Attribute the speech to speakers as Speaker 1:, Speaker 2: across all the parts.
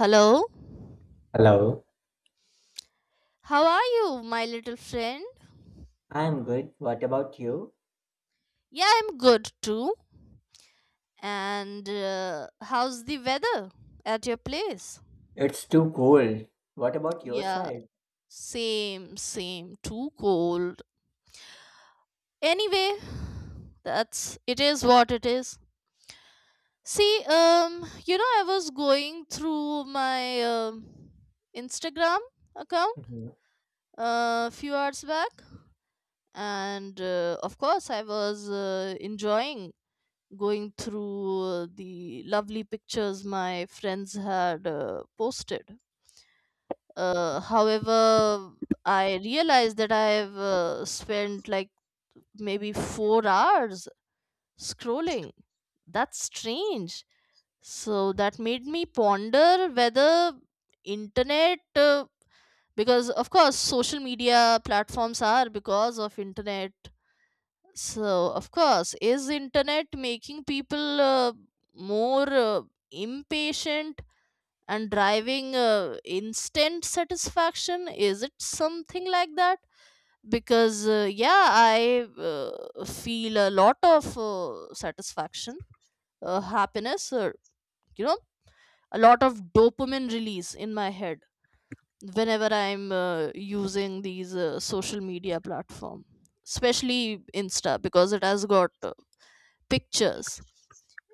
Speaker 1: Hello?
Speaker 2: Hello,
Speaker 1: How are you, my little friend?
Speaker 2: I'm good. What about you?
Speaker 1: Yeah, I'm good too. And how's the weather at your place?
Speaker 2: It's too cold. What about your
Speaker 1: Yeah,
Speaker 2: side?
Speaker 1: same, same. Too cold. Anyway, that's it is what it is. See, I was going through my Instagram account
Speaker 2: hmm
Speaker 1: a few hours back, and of course, I was enjoying going through the lovely pictures my friends had posted. However, I realized that I have spent like maybe 4 hours scrolling. That's strange. So that made me ponder whether internet, because of course social media platforms are because of internet, so, of course, is internet making people more impatient and driving instant satisfaction? Is it something like that? Because yeah, I feel a lot of satisfaction, happiness, or you know, a lot of dopamine release in my head whenever I'm using these social media platform, especially Insta, because it has got pictures,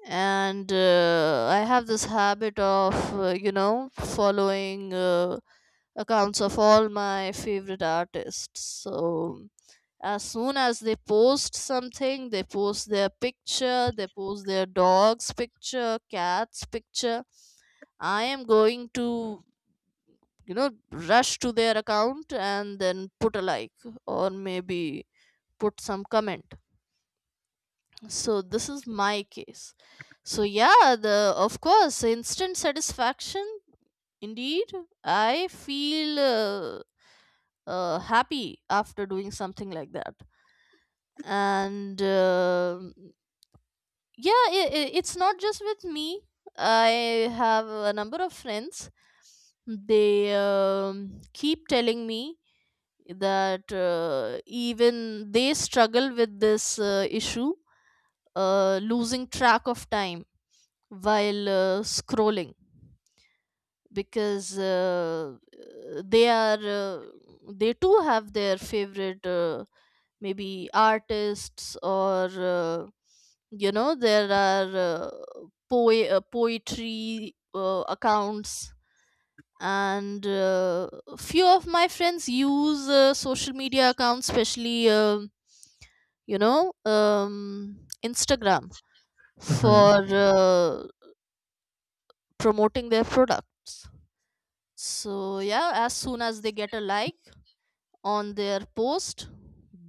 Speaker 1: and I have this habit of uh, you know following accounts of all my favorite artists. So as soon as they post something, they post their picture, they post their dog's picture, cat's picture, I am going to, you know, rush to their account and then put a like, or maybe put some comment. So this is my case. So yeah, the of course instant satisfaction, indeed, I feel happy after doing something like that. And yeah, it's not just with me. I have a number of friends. They keep telling me that even they struggle with this issue, losing track of time while scrolling, because they are they too have their favorite maybe artists, or there are poetry accounts. And few of my friends use social media accounts, especially you know um, Instagram,
Speaker 2: hmm
Speaker 1: for promoting their products. So yeah, as soon as they get a like on their post,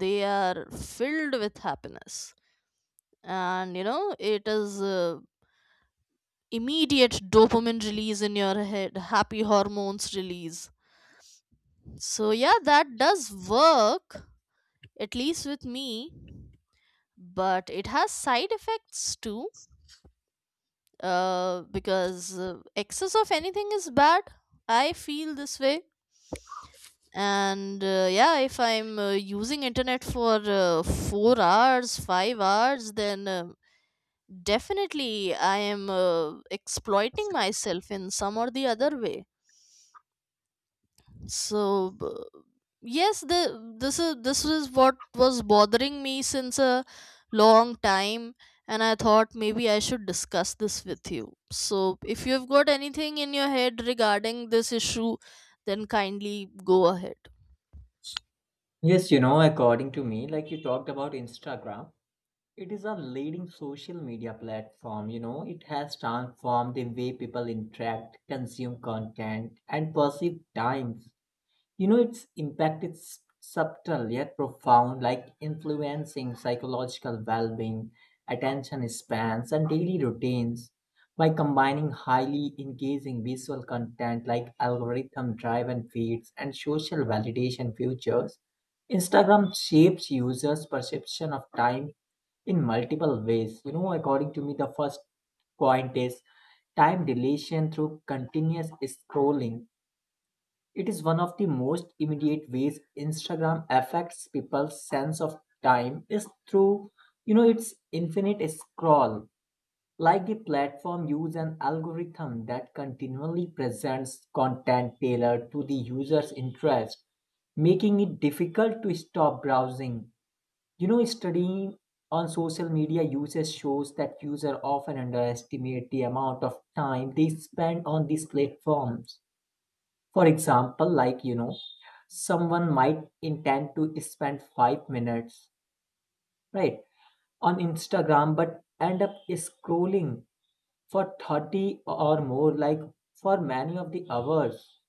Speaker 1: they are filled with happiness. And you know, it is immediate dopamine release in your head, happy hormones release. So yeah, that does work, at least with me, but it has side effects too. Because excess of anything is bad. I feel this way, and yeah, if I'm using internet for 4 hours, 5 hours, then definitely I am exploiting myself in some or the other way. so b- yes, the this is, this is what was bothering me since a long time, and I thought maybe I should discuss this with you. So if you've got anything in your head regarding this issue, then kindly go ahead.
Speaker 2: Yes, you know, according to me, like you talked about Instagram, it is a leading social media platform. You know, it has transformed the way people interact, consume content, and perceive time. You know, its impact is subtle yet profound, like influencing psychological well being, attention spans, and daily routines. By combining highly engaging visual content like algorithm driven feeds and social validation features, Instagram shapes users' perception of time in multiple ways. You know, according to me, the first point is time dilation through continuous scrolling. It is one of the most immediate ways Instagram affects people's sense of time is through, you know, its infinite scroll. Like the platform use an algorithm that continually presents content tailored to the user's interest, making it difficult to stop browsing. You know, studying on social media usage shows that users often underestimate the amount of time they spend on these platforms. For example, like you know, someone might intend to spend 5 minutes, right, on Instagram but end up scrolling for 30 or more, like for many of the hours.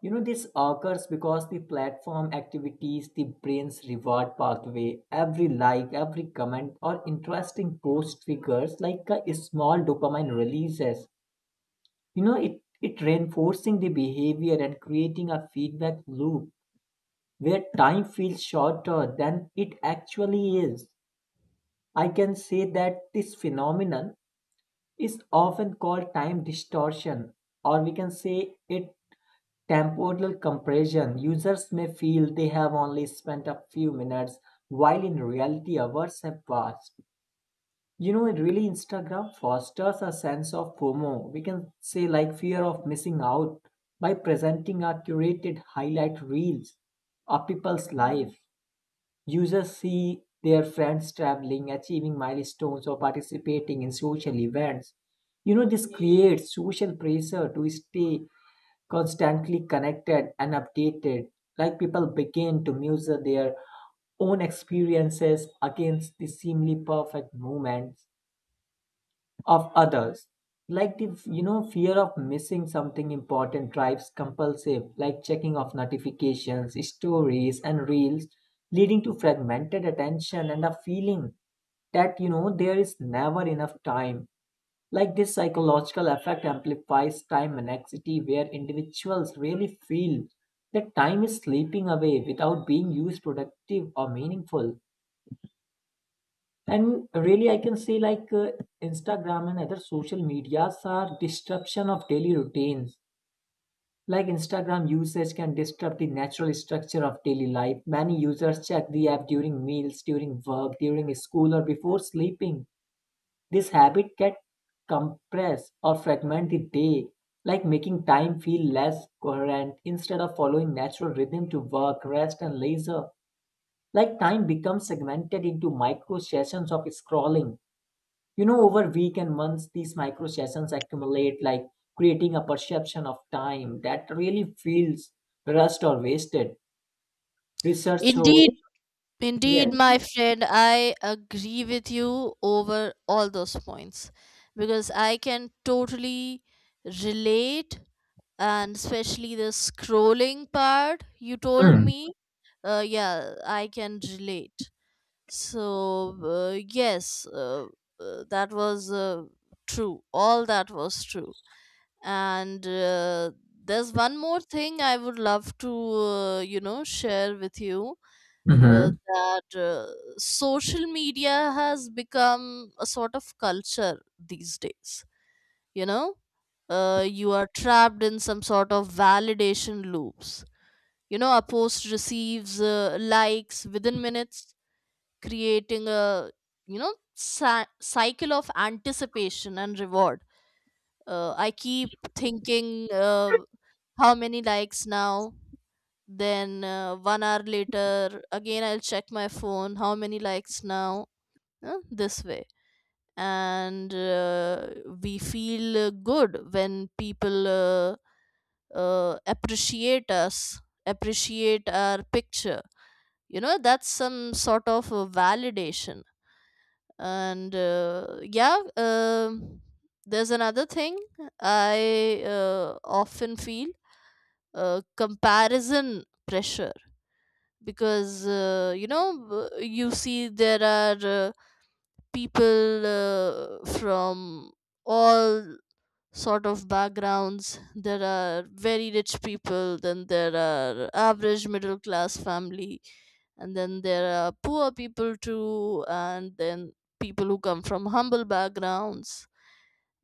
Speaker 2: You know, this occurs because the platform activities, the brain's reward pathway, every like, every comment, or interesting post triggers like a small dopamine releases. You know, it reinforcing the behavior and creating a feedback loop where time feels shorter than it actually is. I can say that this phenomenon is often called time distortion, or we can say it temporal compression. Users may feel they have only spent a few minutes, while in reality, hours have passed. You know, it really Instagram fosters a sense of FOMO. We can say like fear of missing out by presenting our curated highlight reels of people's life. Users see their friends traveling, achieving milestones, or participating in social events. You know, this creates social pressure to stay constantly connected and updated. Like people begin to measure their own experiences against the seemingly perfect moments of others. Like the, you know, fear of missing something important drives compulsive, like checking of notifications, stories, and reels, leading to fragmented attention and a feeling that you know there is never enough time. Like this psychological effect amplifies time anxiety, where individuals really feel that time is slipping away without being used productive or meaningful, and really I can say like Instagram and other social medias are disruption of daily routines. Like Instagram usage can disrupt the natural structure of daily life. Many users check the app during meals, during work, during school, or before sleeping. This habit can compress or fragment the day, like making time feel less coherent. Instead of following natural rhythm to work, rest, and leisure, like time becomes segmented into micro sessions of scrolling. You know, over week and months, these micro sessions accumulate, like creating a perception of time that really feels rushed or wasted. Research shows.
Speaker 1: Indeed, indeed,
Speaker 2: Yes.
Speaker 1: my friend, I agree with you over all those points, because I can totally relate, and especially the scrolling part you told me. Yeah, I can relate. So, yes, that was true. All that was true. And there's one more thing I would love to, you know, share with you, uh,
Speaker 2: Mm-hmm.
Speaker 1: that uh, social media has become a sort of culture these days. You know, you are trapped in some sort of validation loops. You know, a post receives likes within minutes, creating a, you know, cycle of anticipation and reward. I keep thinking, uh, how many likes now? Then 1 hour later, again I'll check my phone, how many likes now? This way, and we feel good when people appreciate us, appreciate our picture. You know, that's some sort of a validation. And there's another thing I often feel, comparison pressure, because you know, you see there are uh, people from all sort of backgrounds. There are very rich people, then there are average middle class family, and then there are poor people too, and then people who come from humble backgrounds,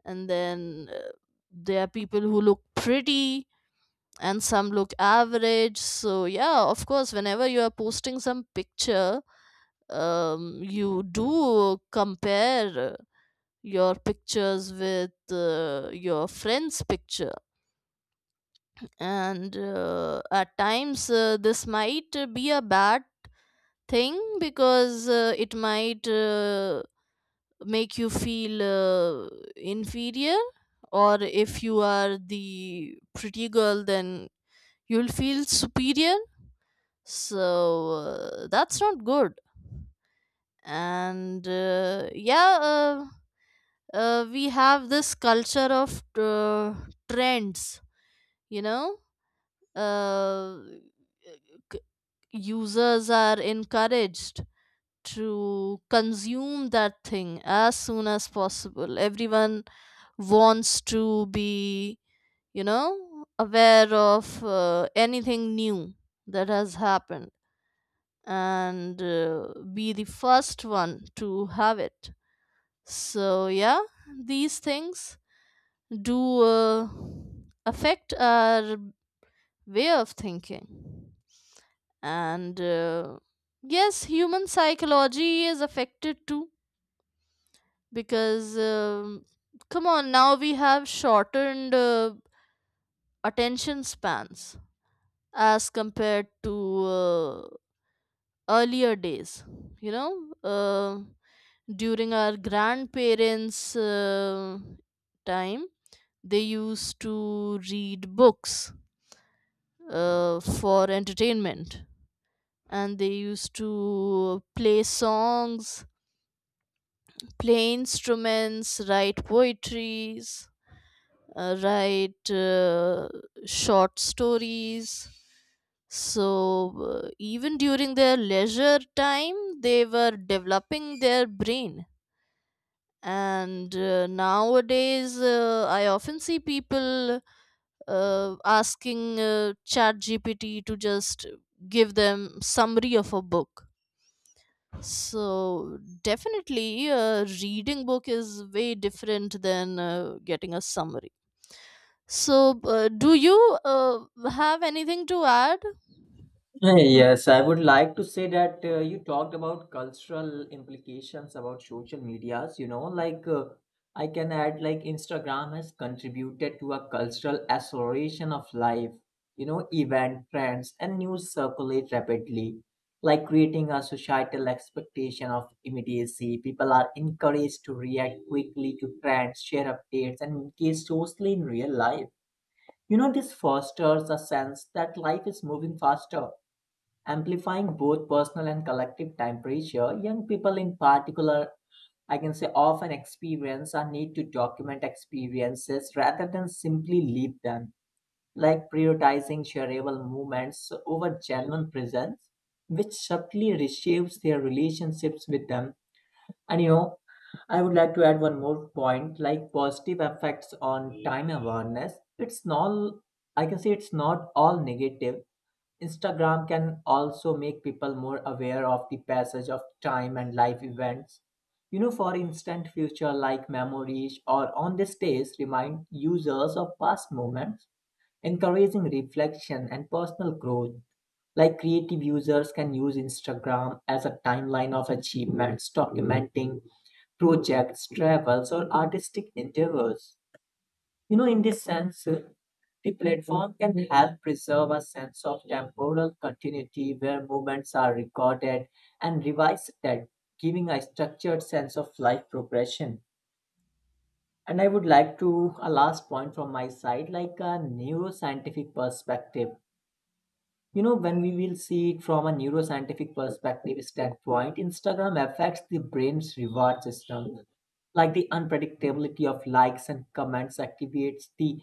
Speaker 1: and then there are people who look pretty and some look average. So, yeah, of course, whenever you are posting some picture, you do compare your pictures with your friend's picture, and at times this might be a bad thing, because it might make you feel inferior, or if you are the pretty girl then you'll feel superior. So that's not good. And we have this culture of trends, you know uh, uh, users are encouraged to consume that thing as soon as possible. Everyone wants to be, you know, aware of anything new that has happened, and be the first one to have it. So yeah, these things do affect our way of thinking, and yes, human psychology is affected too, because come on, now we have shortened attention spans as compared to earlier days. You know, during our grandparents' time, they used to read books for entertainment, and they used to play songs, play instruments, write poetries, write short stories. So even during their leisure time, they were developing their brain. And nowadays, I often see people asking ChatGPT to just give them summary of a book. So definitely, reading book is way different than getting a summary. So, do you have anything to add?
Speaker 2: Yes, I would like to say that you talked about cultural implications about social medias. You know, like I can add, like Instagram has contributed to a cultural acceleration of life. You know, event trends and news circulate rapidly, like creating a societal expectation of immediacy. People are encouraged to react quickly to trends, share updates, and engage socially in real life. You know, this fosters a sense that life is moving faster, amplifying both personal and collective time pressure. Young people, in particular, I can say often experience a need to document experiences rather than simply live them, like prioritizing shareable moments over genuine presence, which subtly reshapes their relationships with them. And you know, I would like to add one more point like positive effects on time awareness. It's not, I can say it's not all negative. Instagram can also make people more aware of the passage of time and life events. You know, for instant future like memories or on this days remind users of past moments, encouraging reflection and personal growth. Like creative users can use Instagram as a timeline of achievements, documenting projects, travels, or artistic endeavors. You know, in this sense, the platform can help preserve a sense of temporal continuity where movements are recorded and revised, that giving a structured sense of life progression. And I would like to a last point from my side, like a neuroscientific perspective. You know, when we will see it from a neuroscientific perspective standpoint, Instagram affects the brain's reward system. Like the unpredictability of likes and comments activates the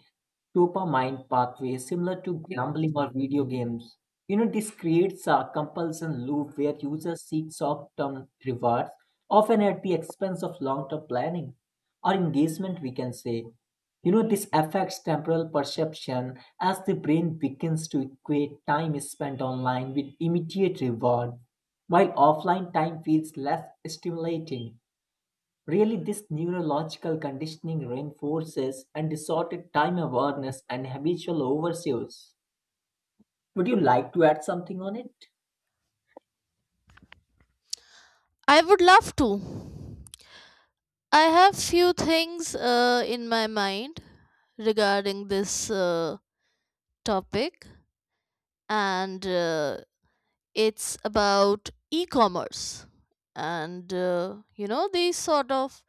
Speaker 2: dopamine pathway, similar to gambling or video games. You know, this creates a compulsion loop where users seek short term rewards, often at the expense of long term planning or engagement, we can say. You know, this affects temporal perception as the brain begins to equate time spent online with immediate reward, while offline time feels less stimulating. Really, this neurological conditioning reinforces and distorted time awareness and habitual overuse. Would you like to add something on it?
Speaker 1: I would love to. I have few things in my mind regarding this topic, and it's about e-commerce, and these sort of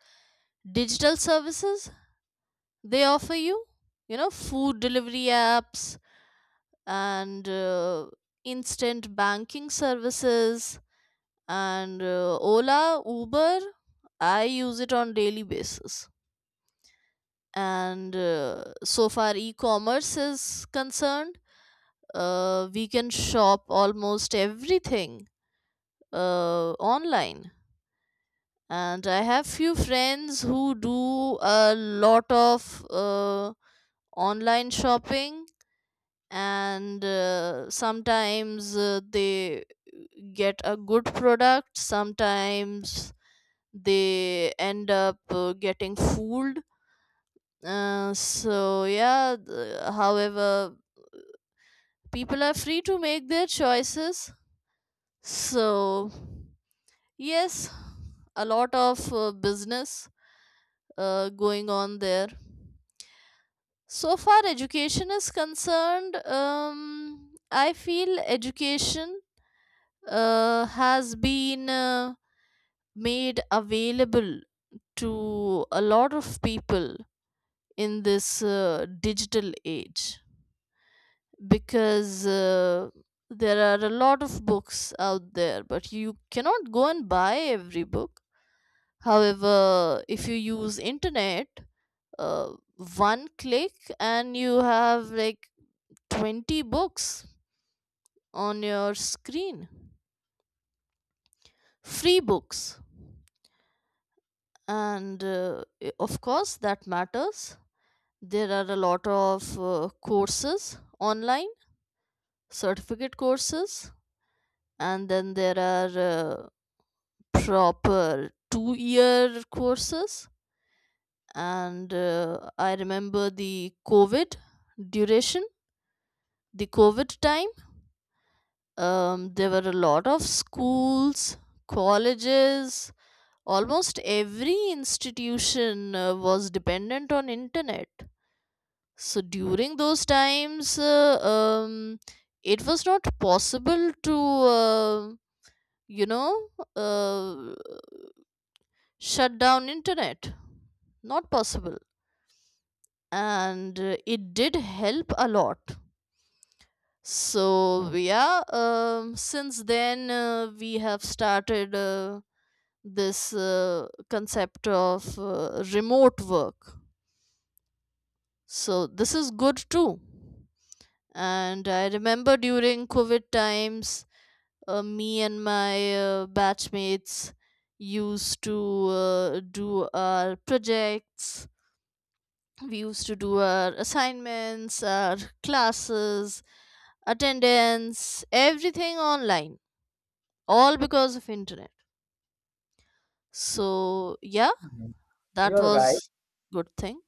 Speaker 1: digital services they offer you, you know, food delivery apps, and instant banking services, and Ola, Uber. I use it on daily basis. And so far e-commerce is concerned, we can shop almost everything online, and I have few friends who do a lot of online shopping, and sometimes they get a good product, sometimes they end up getting fooled. However, people are free to make their choices. So yes, a lot of business going on there. So far education is concerned, I feel education has been made available to a lot of people in this digital age, because there are a lot of books out there, but you cannot go and buy every book. However, if you use internet, uh, one click and you have like 20 books on your screen, free books, and of course that matters. There are a lot of courses online, certificate courses, and then there are proper 2 year courses, and I remember the COVID duration, the COVID time, there were a lot of schools, colleges, almost every institution was dependent on internet. So during those times, it was not possible to, you know, uh, shut down internet. Not possible. And it did help a lot. So yeah, since then we have started this concept of remote work. So this is good too. And I remember during COVID times, me and my batchmates used to do our projects, we used to do our assignments, our classes, attendance, everything online, all because of internet. So yeah,
Speaker 2: Mhm.
Speaker 1: that
Speaker 2: You're right.
Speaker 1: was good thing.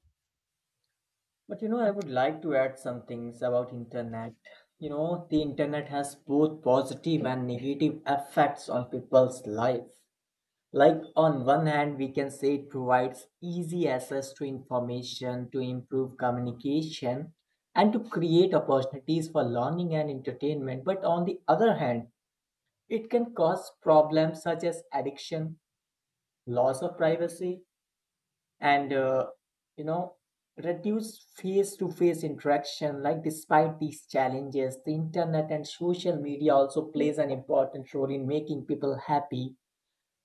Speaker 2: But you know, I would like to add some things about internet. You know, the internet has both positive and negative effects on people's life. Like on one hand, we can say it provides easy access to information to improve communication and to create opportunities for learning and entertainment. But on the other hand, it can cause problems such as addiction, loss of privacy, and you know, reduce face to face interaction. Like despite these challenges, the internet and social media also plays an important role in making people happy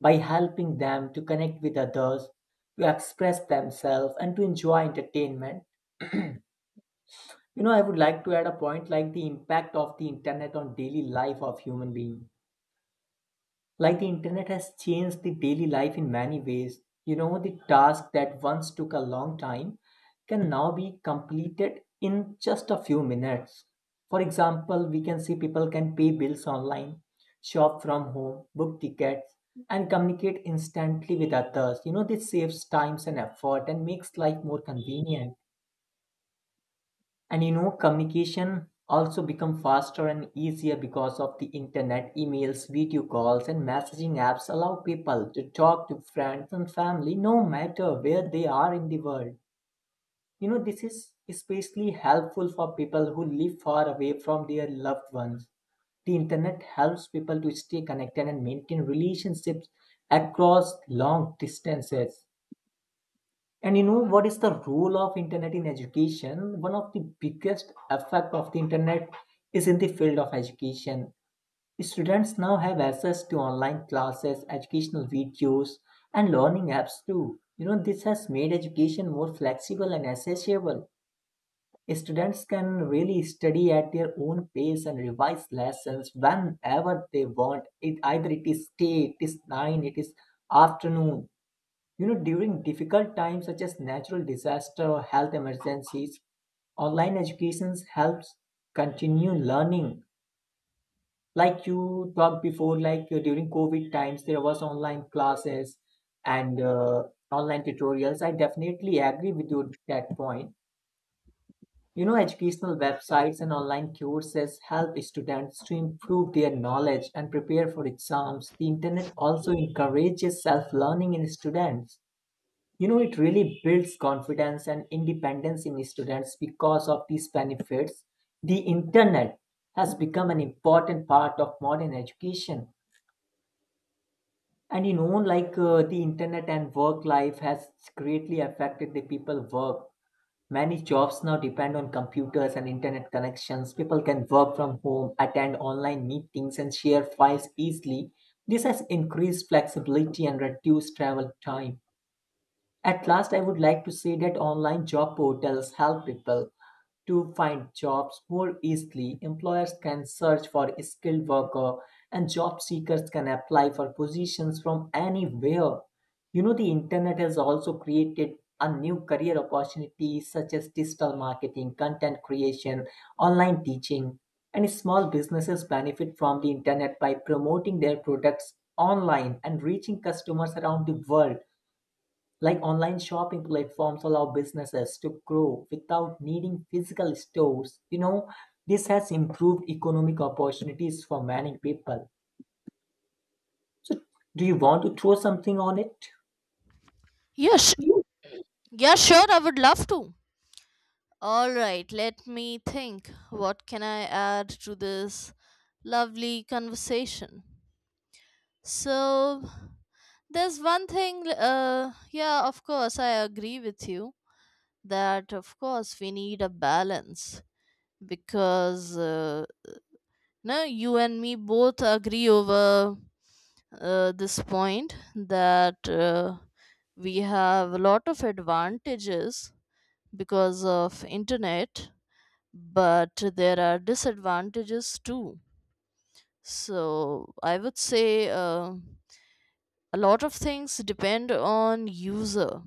Speaker 2: by helping them to connect with others, to express themselves, and to enjoy entertainment. You know, I would like to add a point like the impact of the internet on daily life of human being. Like the internet has changed the daily life in many ways. You know, the task that once took a long time can now be completed in just a few minutes. For example, we can see people can pay bills online, shop from home, book tickets, and communicate instantly with others. You know, this saves times and effort and makes life more convenient. And you know communication also become faster and easier because of the internet. Emails, video calls, and messaging apps allow people to talk to friends and family no matter where they are in the world. You know, this is especially helpful for people who live far away from their loved ones. The internet helps people to stay connected and maintain relationships across long distances. And you know, what is the role of internet in education? One of the biggest effect of the internet is in the field of education. Students now have access to online classes, educational videos, and learning apps too. You know, this has made education more flexible and accessible. Students can really study at their own pace and revise lessons whenever they want. It either it is day, it is nine, it is afternoon. You know, during difficult times such as natural disaster or health emergencies, online education helps continue learning. Like you talked before, like during COVID times, there was online classes and online tutorials. I definitely agree with you at that point. You know, educational websites and online courses help students to improve their knowledge and prepare for exams. The internet also encourages self-learning in students. You know, it really builds confidence and independence in students because of these benefits. The internet has become an important part of modern education. And you know, like the internet and work life has greatly affected the people work. Many jobs now depend on computers and internet connections. People can work from home, attend online meetings, and share files easily. This has increased flexibility and reduced travel time. At last, I would like to say that online job portals help people to find jobs more easily. Employers can search for a skilled worker, and job seekers can apply for positions from anywhere. You know, the internet has also created a new career opportunities such as digital marketing, content creation, online teaching, and small businesses benefit from the internet by promoting their products online and reaching customers around the world. Like online shopping platforms allow businesses to grow without needing physical stores. You know, this has improved economic opportunities for many people. So, do you want to throw something on it?
Speaker 1: yeah sh-
Speaker 2: You.
Speaker 1: yeah, sure, I would love to. All right, let me think what can I add to this lovely conversation. So there's one thing, yeah, of course I agree with you that of course we need a balance, because no, you and me both agree over this point, that we have a lot of advantages because of internet, but there are disadvantages too. So I would say a lot of things depend on user.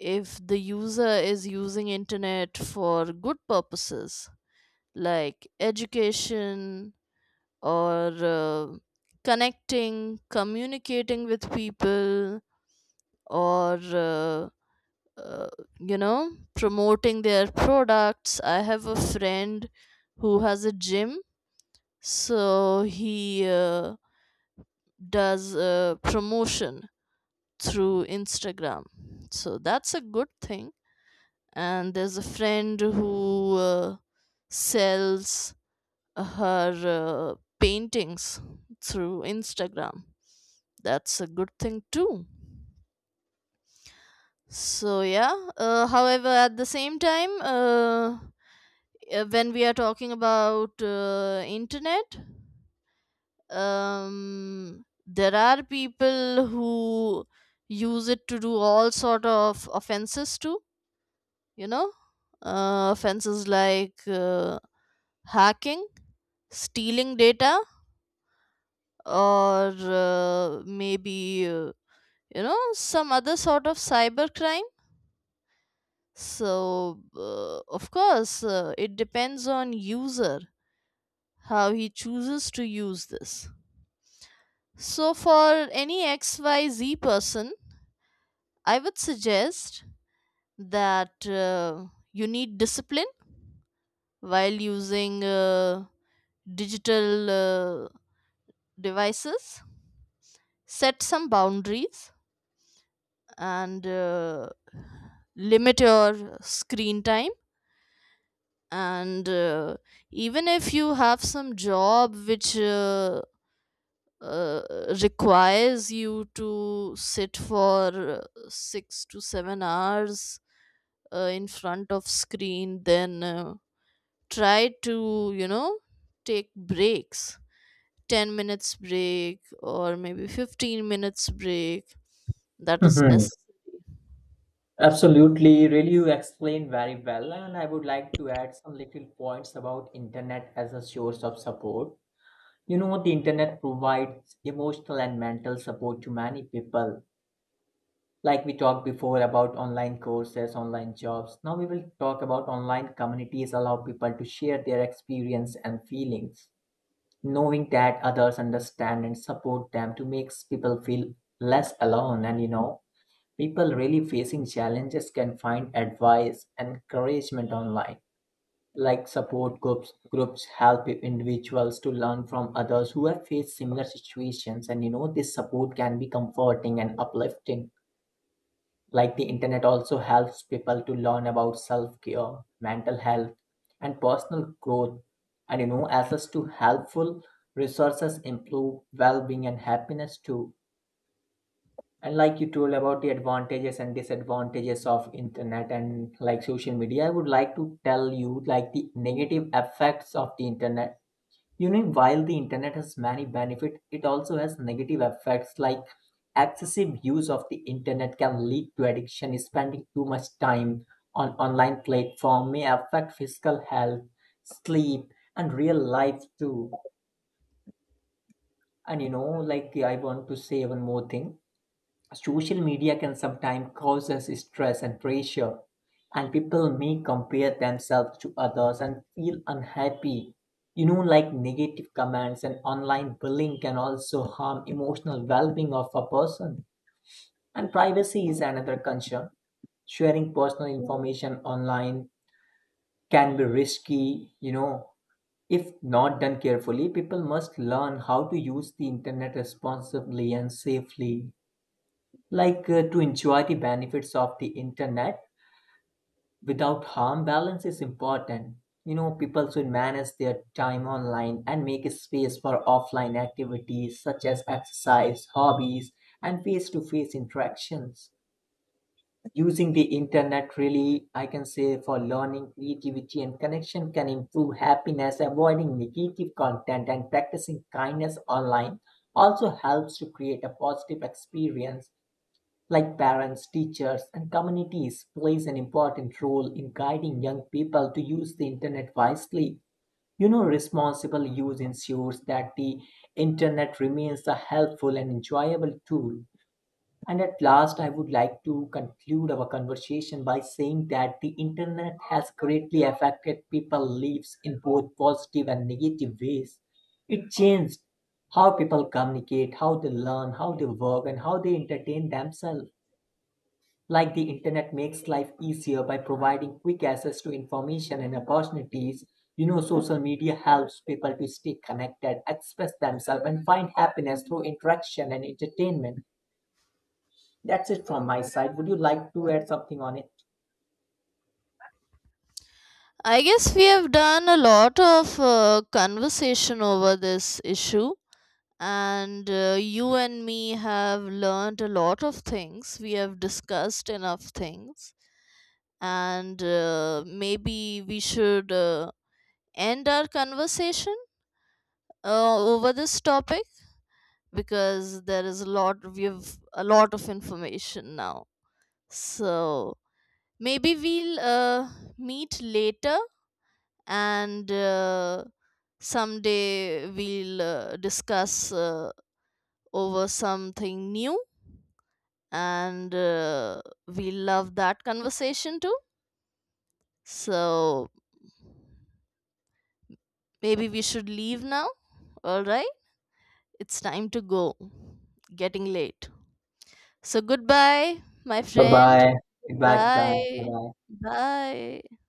Speaker 1: If the user is using internet for good purposes, like education, or connecting, communicating with people, or uh, uh, you know promoting their products. I have a friend who has a gym, so he uh, does promotion through Instagram. So that's a good thing. And there's a friend who sells her paintings through Instagram. That's a good thing too. So yeah, however, at the same time, when we are talking about internet, there are people who use it to do all sort of offenses too. You know, offenses like hacking, stealing data, or maybe some other sort of cyber crime. So of course it depends on user how he chooses to use this. So for any xyz person, I would suggest that you need discipline while using digital devices. Set some boundaries, and limit your screen time, and even if you have some job which uh, requires you to sit for 6 to 7 hours in front of screen, then try to, you know, take breaks. 10 minutes break, or maybe 15 minutes break. That is
Speaker 2: Hmm.
Speaker 1: necessary.
Speaker 2: Absolutely. Really, you explained very well. And I would like to add some little points about internet as a source of support. You know, the internet provides emotional and mental support to many people. Like we talked before about online courses, online jobs, now we will talk about online communities allow people to share their experience and feelings, knowing that others understand and support them to makes people feel less alone. And you know, people really facing challenges can find advice and encouragement online. Like support groups help individuals to learn from others who have faced similar situations. And you know, this support can be comforting and uplifting. Like the internet also helps people to learn about self-care, mental health, and personal growth. And you know, access to helpful resources improve well-being and happiness too. And like you told about the advantages and disadvantages of internet and like social media, I would like to tell you like the negative effects of the internet. You know, while the internet has many benefits, it also has negative effects like excessive use of the internet can lead to addiction. Spending too much time on online platform may affect physical health, sleep, and real life too. And you know, like I want to say one more thing. Social media can sometimes cause us stress and pressure, and people may compare themselves to others and feel unhappy. You know, like negative comments and online bullying can also harm emotional well being of a person. And privacy is another concern. Sharing personal information online can be risky, you know. If not done carefully, people must learn how to use the internet responsibly and safely. Like to enjoy the benefits of the internet without harm, balance is important. You know, people should manage their time online and make a space for offline activities such as exercise, hobbies, and face to face interactions. Using the internet really, I can say, for learning, creativity, and connection can improve happiness. Avoiding negative content and practicing kindness online also helps to create a positive experience. Like parents, teachers, and communities, plays an important role in guiding young people to use the internet wisely. You know, responsible use ensures that the internet remains a helpful and enjoyable tool. And at last, I would like to conclude our conversation by saying that the internet has greatly affected people's lives in both positive and negative ways. It changed how people communicate, how they learn, how they work, and how they entertain themselves. Like the internet makes life easier by providing quick access to information and opportunities. You know, social media helps people to stay connected, express themselves, and find happiness through interaction and entertainment. That's it from my side. Would you like to add something on it?
Speaker 1: I guess we have done a lot of conversation over this issue, and you and me have learned a lot of things, we have discussed enough things, and maybe we should end our conversation over this topic, because there is a lot we have, a lot of information now. So maybe we'll meet later, and someday we'll discuss over something new, and we love that conversation too. So maybe we should leave now. All right, it's time to go. Getting late. So goodbye, my
Speaker 2: Bye
Speaker 1: friend.
Speaker 2: bye. Goodbye. Goodbye. Bye
Speaker 1: Bye.
Speaker 2: bye.
Speaker 1: Bye.